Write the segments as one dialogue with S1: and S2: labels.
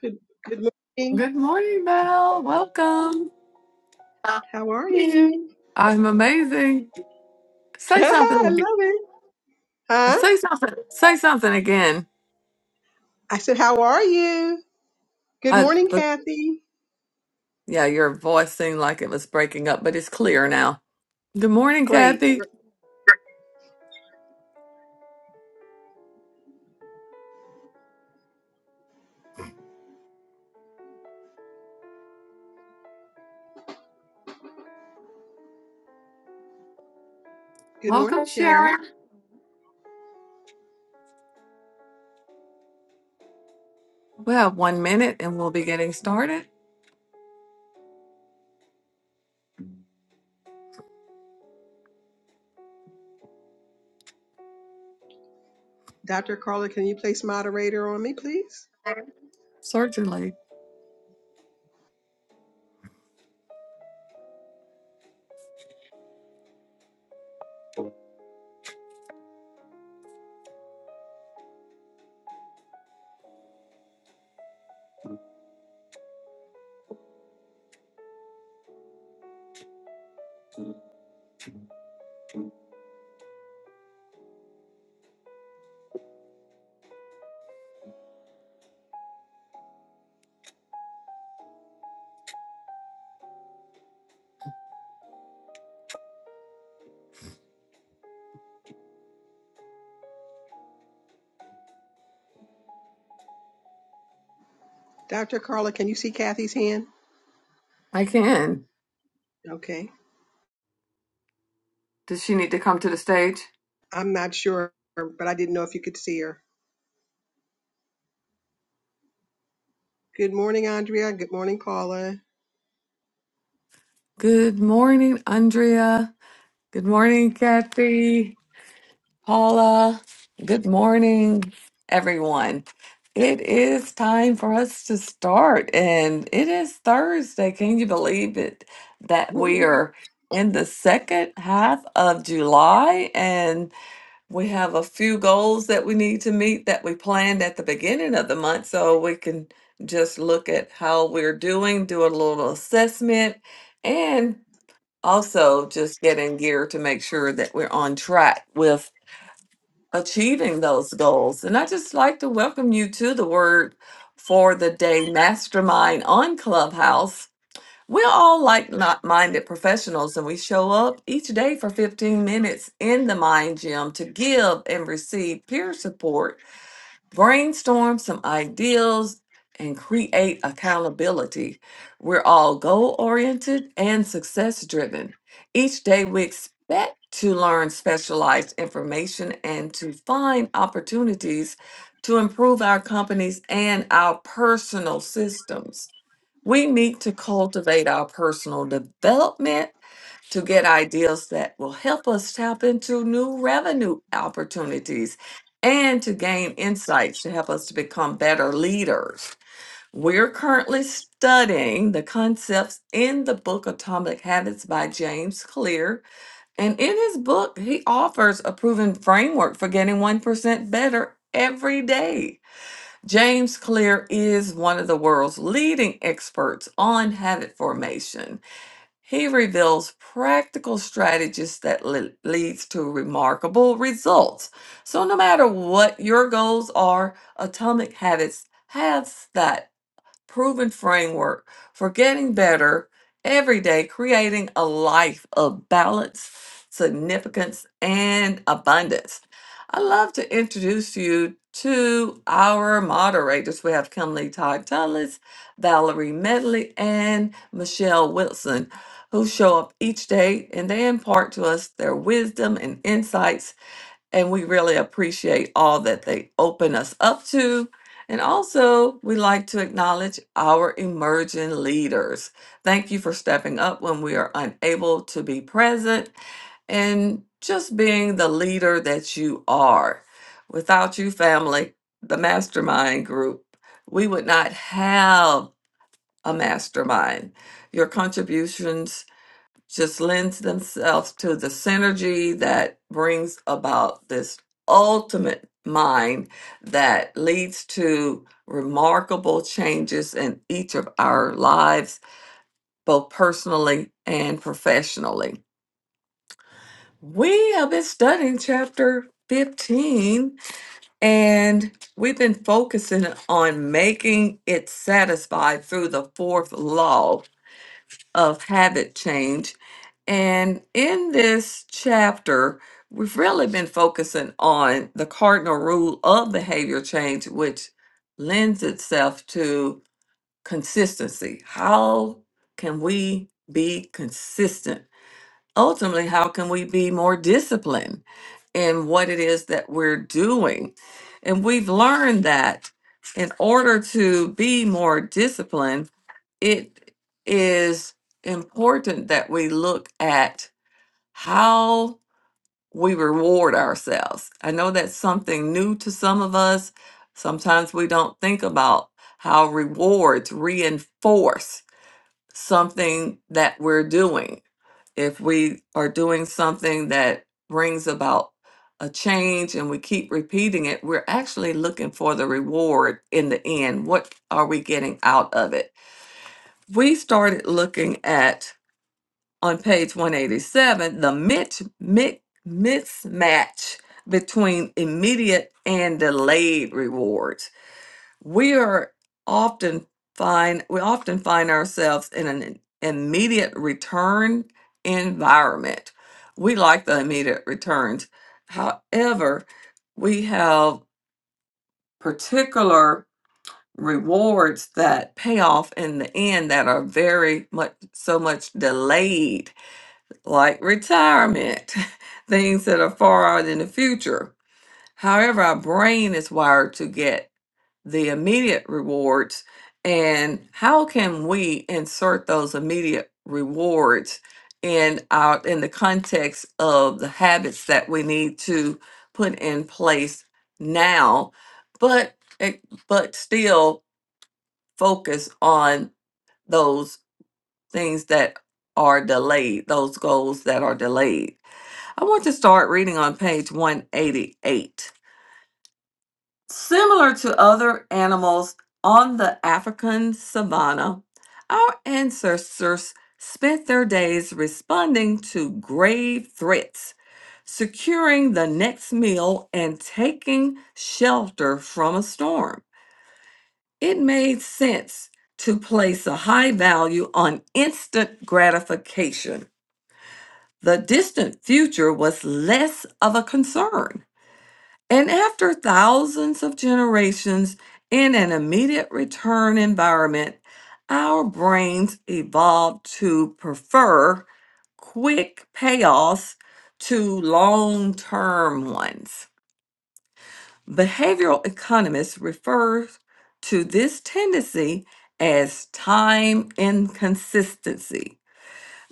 S1: Good, good morning.
S2: Good morning, Mel. Welcome.
S1: How are you?
S2: I'm amazing. Say
S1: I
S2: something.
S1: love it. Huh?
S2: Say something. Say something again.
S1: I said, How are you? Good
S2: I,
S1: morning,
S2: but
S1: Kathy.
S2: yeah, your voice seemed like it was breaking up, but it's clear now. Good morning,
S1: Great.
S2: Kathy.
S1: Gr- Good morning,
S2: Welcome,
S1: Sharon.
S2: Sharon. We have one minute and we'll be getting started.
S1: Dr. Carla, can you place moderator on me, please?
S2: Certainly.
S1: Dr. Carla, can you see Kathy's hand?
S2: I can.
S1: Okay.
S2: Does she need to come to the stage?
S1: I'm not sure, but I didn't know if you could see her. Good morning, Andrea. Good morning, Paula.
S2: Good morning, Andrea. Good morning, Kathy. Paula, good morning, everyone. It is time for us to start, and it is Thursday. Can you believe it that we
S1: well,
S2: are in the second half of July and we have a few goals that we need to meet that we planned at the beginning of the month so we can just look at how we're doing, do a little assessment, and also just get in gear to make sure that we're on track with achieving those goals. And I just like to welcome you to the Word for the Day Mastermind on Clubhouse. We're all like not minded professionals, and we show up each day for 15 minutes in the Mind Gym to give and receive peer support brainstorm some ideals and create accountability. We're all goal oriented and success driven. Each day, we expect to learn specialized information and to find opportunities to improve our companies and our personal systems. We need to cultivate our personal development to get ideas that will help us tap into new revenue opportunities and to gain insights to help us to become better leaders. We're currently studying the concepts in the book Atomic Habits by James Clear. And in his book, he offers a proven framework for getting 1% better every day. James Clear is one of the world's leading experts on habit formation. He reveals practical strategies that le- leads to remarkable results. So no matter what your goals are, Atomic Habits has that proven framework for getting better every day, creating a life of balance, significance, and abundance. I'd love to introduce you to our moderators. We have Kimberly Todd Tullis, Valerie Medley, and Michelle Wilson, who show up each day and they impart to us their wisdom and insights and we really appreciate all that they open us up to. And also, we like to acknowledge our emerging leaders. Thank you for stepping up when we are unable to be present and just being the leader that you are. Without you, family, the mastermind group, we would not have a mastermind. Your contributions just lends themselves to the synergy that brings about this ultimate mind that leads to remarkable changes in each of our lives, both personally and professionally. We have been studying chapter 15 and we've been focusing on making it satisfied through the fourth law of habit change. And in this chapter, we've really been focusing on the cardinal rule of behavior change, which lends itself to consistency. How can we be consistent? Ultimately, how can we be more disciplined in what it is that we're doing? And we've learned that in order to be more disciplined, it is important that we look at how we reward ourselves. I know that's something new to some of us. Sometimes we don't think about how rewards reinforce something that we're doing. If we are doing something that brings about a change and we keep repeating it, we're actually looking for the reward in the end. What are we getting out of it? we started looking at on page 187 the mitch, mi- mismatch between immediate and delayed rewards we are often find we often find ourselves in an immediate return environment we like the immediate returns however we have particular rewards that pay off in the end that are very much so much delayed, like retirement, things that are far out in the future. However, our brain is wired to get the immediate rewards. And how can we insert those immediate rewards in our in the context of the habits that we need to put in place now, but it, but still focus on those things that are delayed, those goals that are delayed. I want to start reading on page 188. Similar to other animals on the African savanna, our ancestors spent their days responding to grave threats, securing the next meal, and taking shelter from a storm. It made sense to place a high value on instant gratification. The distant future was less of a concern. And after thousands of generations in an immediate return environment, our brains evolved to prefer quick payoffs to long term ones. Behavioral economists refer to this tendency as time inconsistency.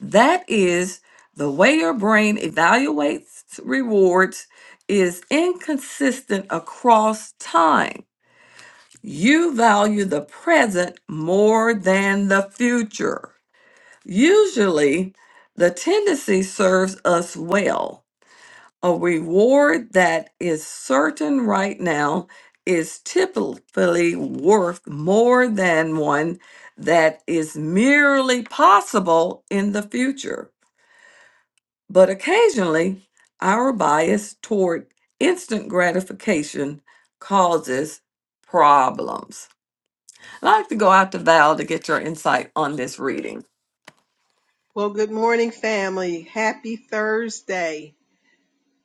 S2: That is, the way your brain evaluates rewards is inconsistent across time. You value the present more than the future. Usually, the tendency serves us well a reward that is certain right now is typically worth more than one that is merely possible in the future. But occasionally, our bias toward instant gratification causes problems. I'd like to go out to Val to get your insight on this reading.
S1: good morning, family. Happy Thursday.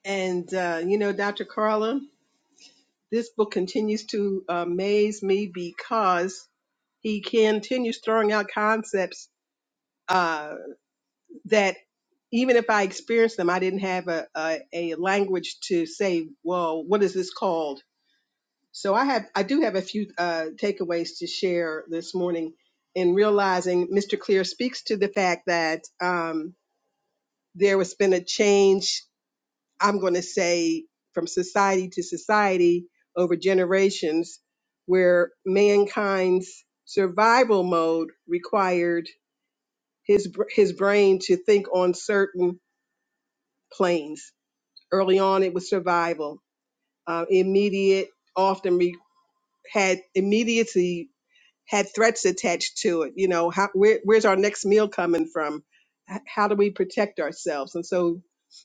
S1: And, uh, you know, Dr. Carla. this book continues to uh, amaze me because he continues throwing out concepts uh, that even if I experienced them, I didn't have a, a, a language to say, well, what is this called? So I have I do have a few uh, takeaways to share this morning in realizing Mr. Clear speaks to the fact that um, there has been a change I'm going to say from society to society over generations, where mankind's survival mode required his br- his brain to think on certain planes. Early on, it was survival, uh, immediate, often re- had immediacy had threats attached to it. You know, how, where, where's our next meal coming from? H- How do we protect ourselves? And so,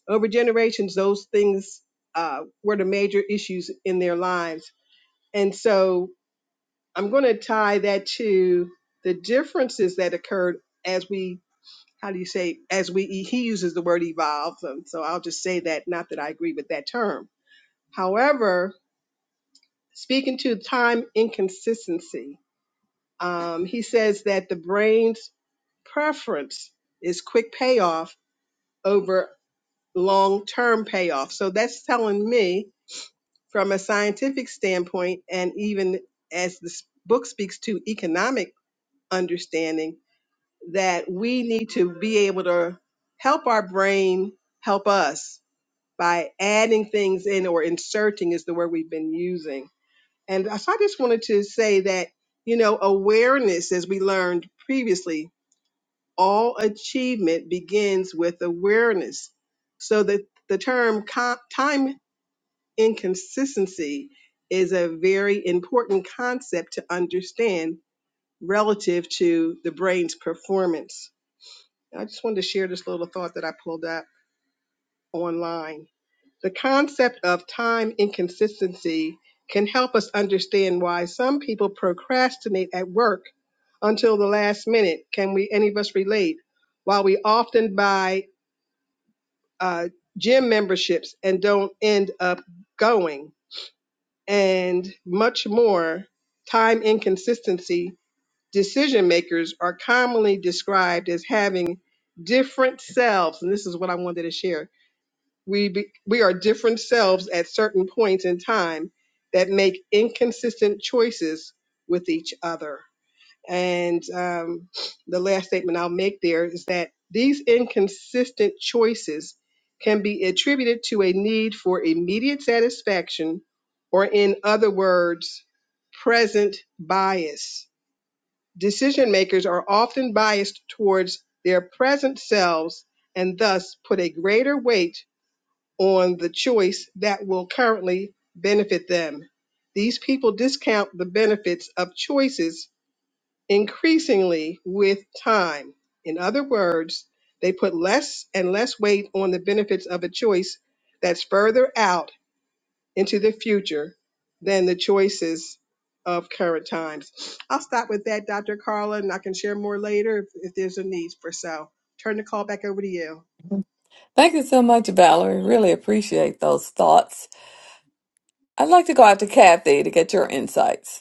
S1: over generations, those things uh, were the major issues in their lives. And so, I'm going to tie that to the differences that occurred as we, how do you say, as we, he uses the word evolve. And so, I'll just say that, not that I agree with that term. However, speaking to time inconsistency, um, he says that the brains preference is quick payoff over long term payoff. So that's telling me, from a scientific standpoint, and even as this book speaks to economic understanding, that we need to be able to help our brain help us by adding things in or inserting is the word we've been using. And so I just wanted to say that, you know, awareness, as we learned previously, all achievement begins with awareness. So that the term co- time inconsistency is a very important concept to understand relative to the brain's performance. I just wanted to share this little thought that I pulled up online. The concept of time inconsistency can help us understand why some people procrastinate at work until the last minute. Can we any of us relate? While we often buy uh, gym memberships and don't end up going, and much more. Time inconsistency decision makers are commonly described as having different selves, and this is what I wanted to share. We be, we are different selves at certain points in time that make inconsistent choices with each other. And um, the last statement I'll make there is that these inconsistent choices can be attributed to a need for immediate satisfaction, or in other words, present bias. Decision makers are often biased towards their present selves and thus put a greater weight on the choice that will currently benefit them. These people discount the benefits of choices increasingly with time. In other words, they put less and less weight on the benefits of a choice that's further out into the future than the choices of current times. I'll stop with that, Dr. Carla, and I can share more later if, if there's a need for so. Turn the call back over to you.
S2: Thank you so much, Valerie. Really appreciate those thoughts. I'd like to go out to Kathy to get your insights.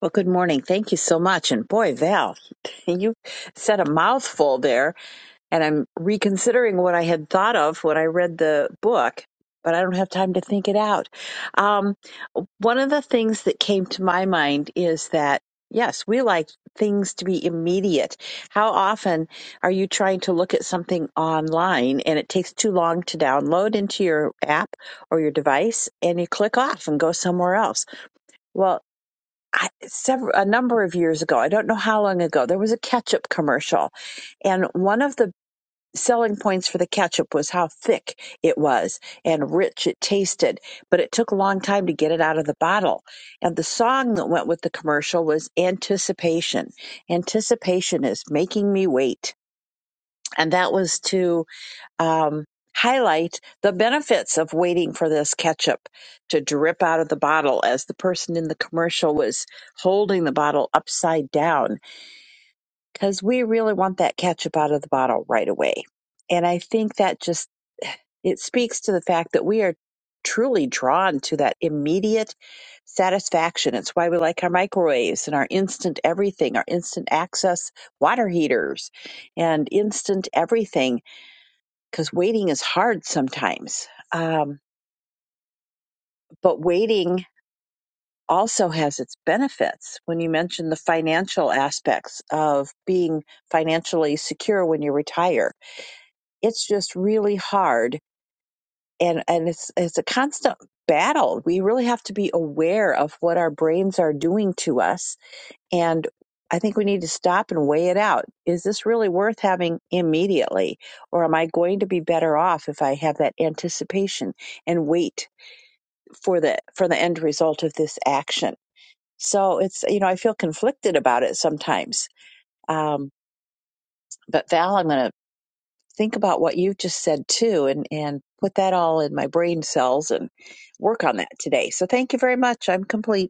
S3: Well, good morning. Thank you so much. And boy, Val, you said a mouthful there. And I'm reconsidering what I had thought of when I read the book, but I don't have time to think it out. Um, one of the things that came to my mind is that, yes, we like things to be immediate. How often are you trying to look at something online and it takes too long to download into your app or your device and you click off and go somewhere else? Well. I, several a number of years ago. I don't know how long ago. There was a ketchup commercial, and one of the selling points for the ketchup was how thick it was and rich it tasted, but it took a long time to get it out of the bottle. And the song that went with the commercial was Anticipation. Anticipation is making me wait. And that was to um, highlight the benefits of waiting for this ketchup to drip out of the bottle as the person in the commercial was holding the bottle upside down because we really want that ketchup out of the bottle right away. And I think that just it speaks to the fact that we are truly drawn to that immediate satisfaction. It's why we like our microwaves and our instant everything, our instant access water heaters and instant everything because waiting is hard sometimes. Um, but waiting also has its benefits. When you mentioned the financial aspects of being financially secure when you retire, it's just really hard, and and it's it's a constant battle. We really have to be aware of what our brains are doing to us, and I think we need to stop and weigh it out. Is this really worth having immediately, or am I going to be better off if I have that anticipation and wait for the for the end result of this action. So it's you know I feel conflicted about it sometimes. Um, but Val, I'm going to think about what you just said too, and and put that all in my brain cells and work on that today. So thank you very much. I'm complete.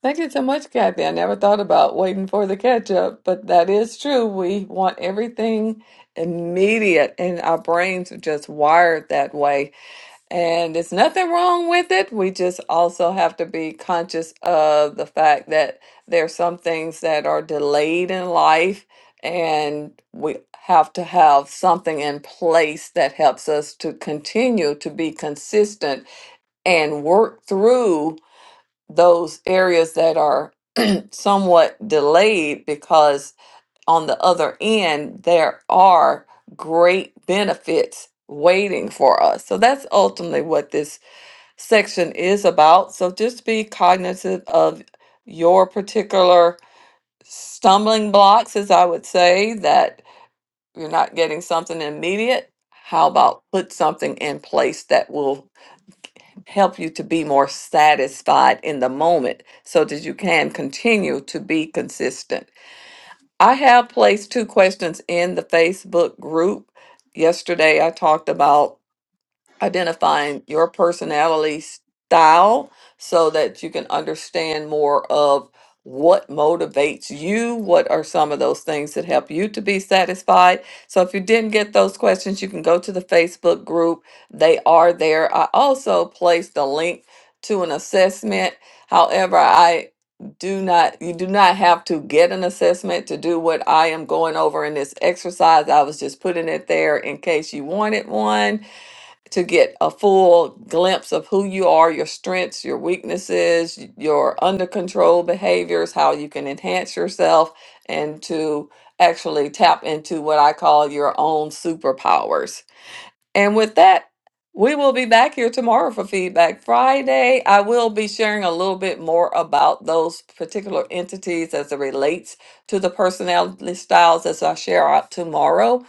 S2: Thank you so much, Kathy. I never thought about waiting for the catch up, but that is true. We want everything immediate, and our brains are just wired that way. And there's nothing wrong with it. We just also have to be conscious of the fact that there are some things that are delayed in life, and we have to have something in place that helps us to continue to be consistent and work through those areas that are somewhat delayed because on the other end there are great benefits waiting for us. So that's ultimately what this section is about. So just be cognizant of your particular stumbling blocks as I would say that you're not getting something immediate. How about put something in place that will help you to be more satisfied in the moment so that you can continue to be consistent? I have placed two questions in the Facebook group. Yesterday, I talked about identifying your personality style so that you can understand more of what motivates you what are some of those things that help you to be satisfied so if you didn't get those questions you can go to the facebook group they are there i also placed a link to an assessment however i do not you do not have to get an assessment to do what i am going over in this exercise i was just putting it there in case you wanted one to get a full glimpse of who you are, your strengths, your weaknesses, y- your under control behaviors, how you can enhance yourself, and to actually tap into what I call your own superpowers. And with that, we will be back here tomorrow for Feedback Friday. I will be sharing a little bit more about those particular entities as it relates to the personality styles as I share out tomorrow.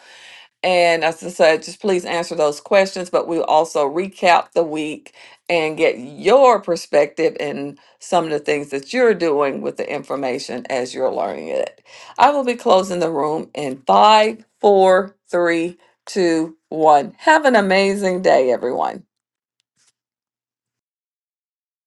S2: And as I said, just please answer those questions, but we'll also recap the week and get your perspective in some of the things that you're doing with the information as you're learning it. I will be closing the room in five, four, three, two, one. Have an amazing day, everyone.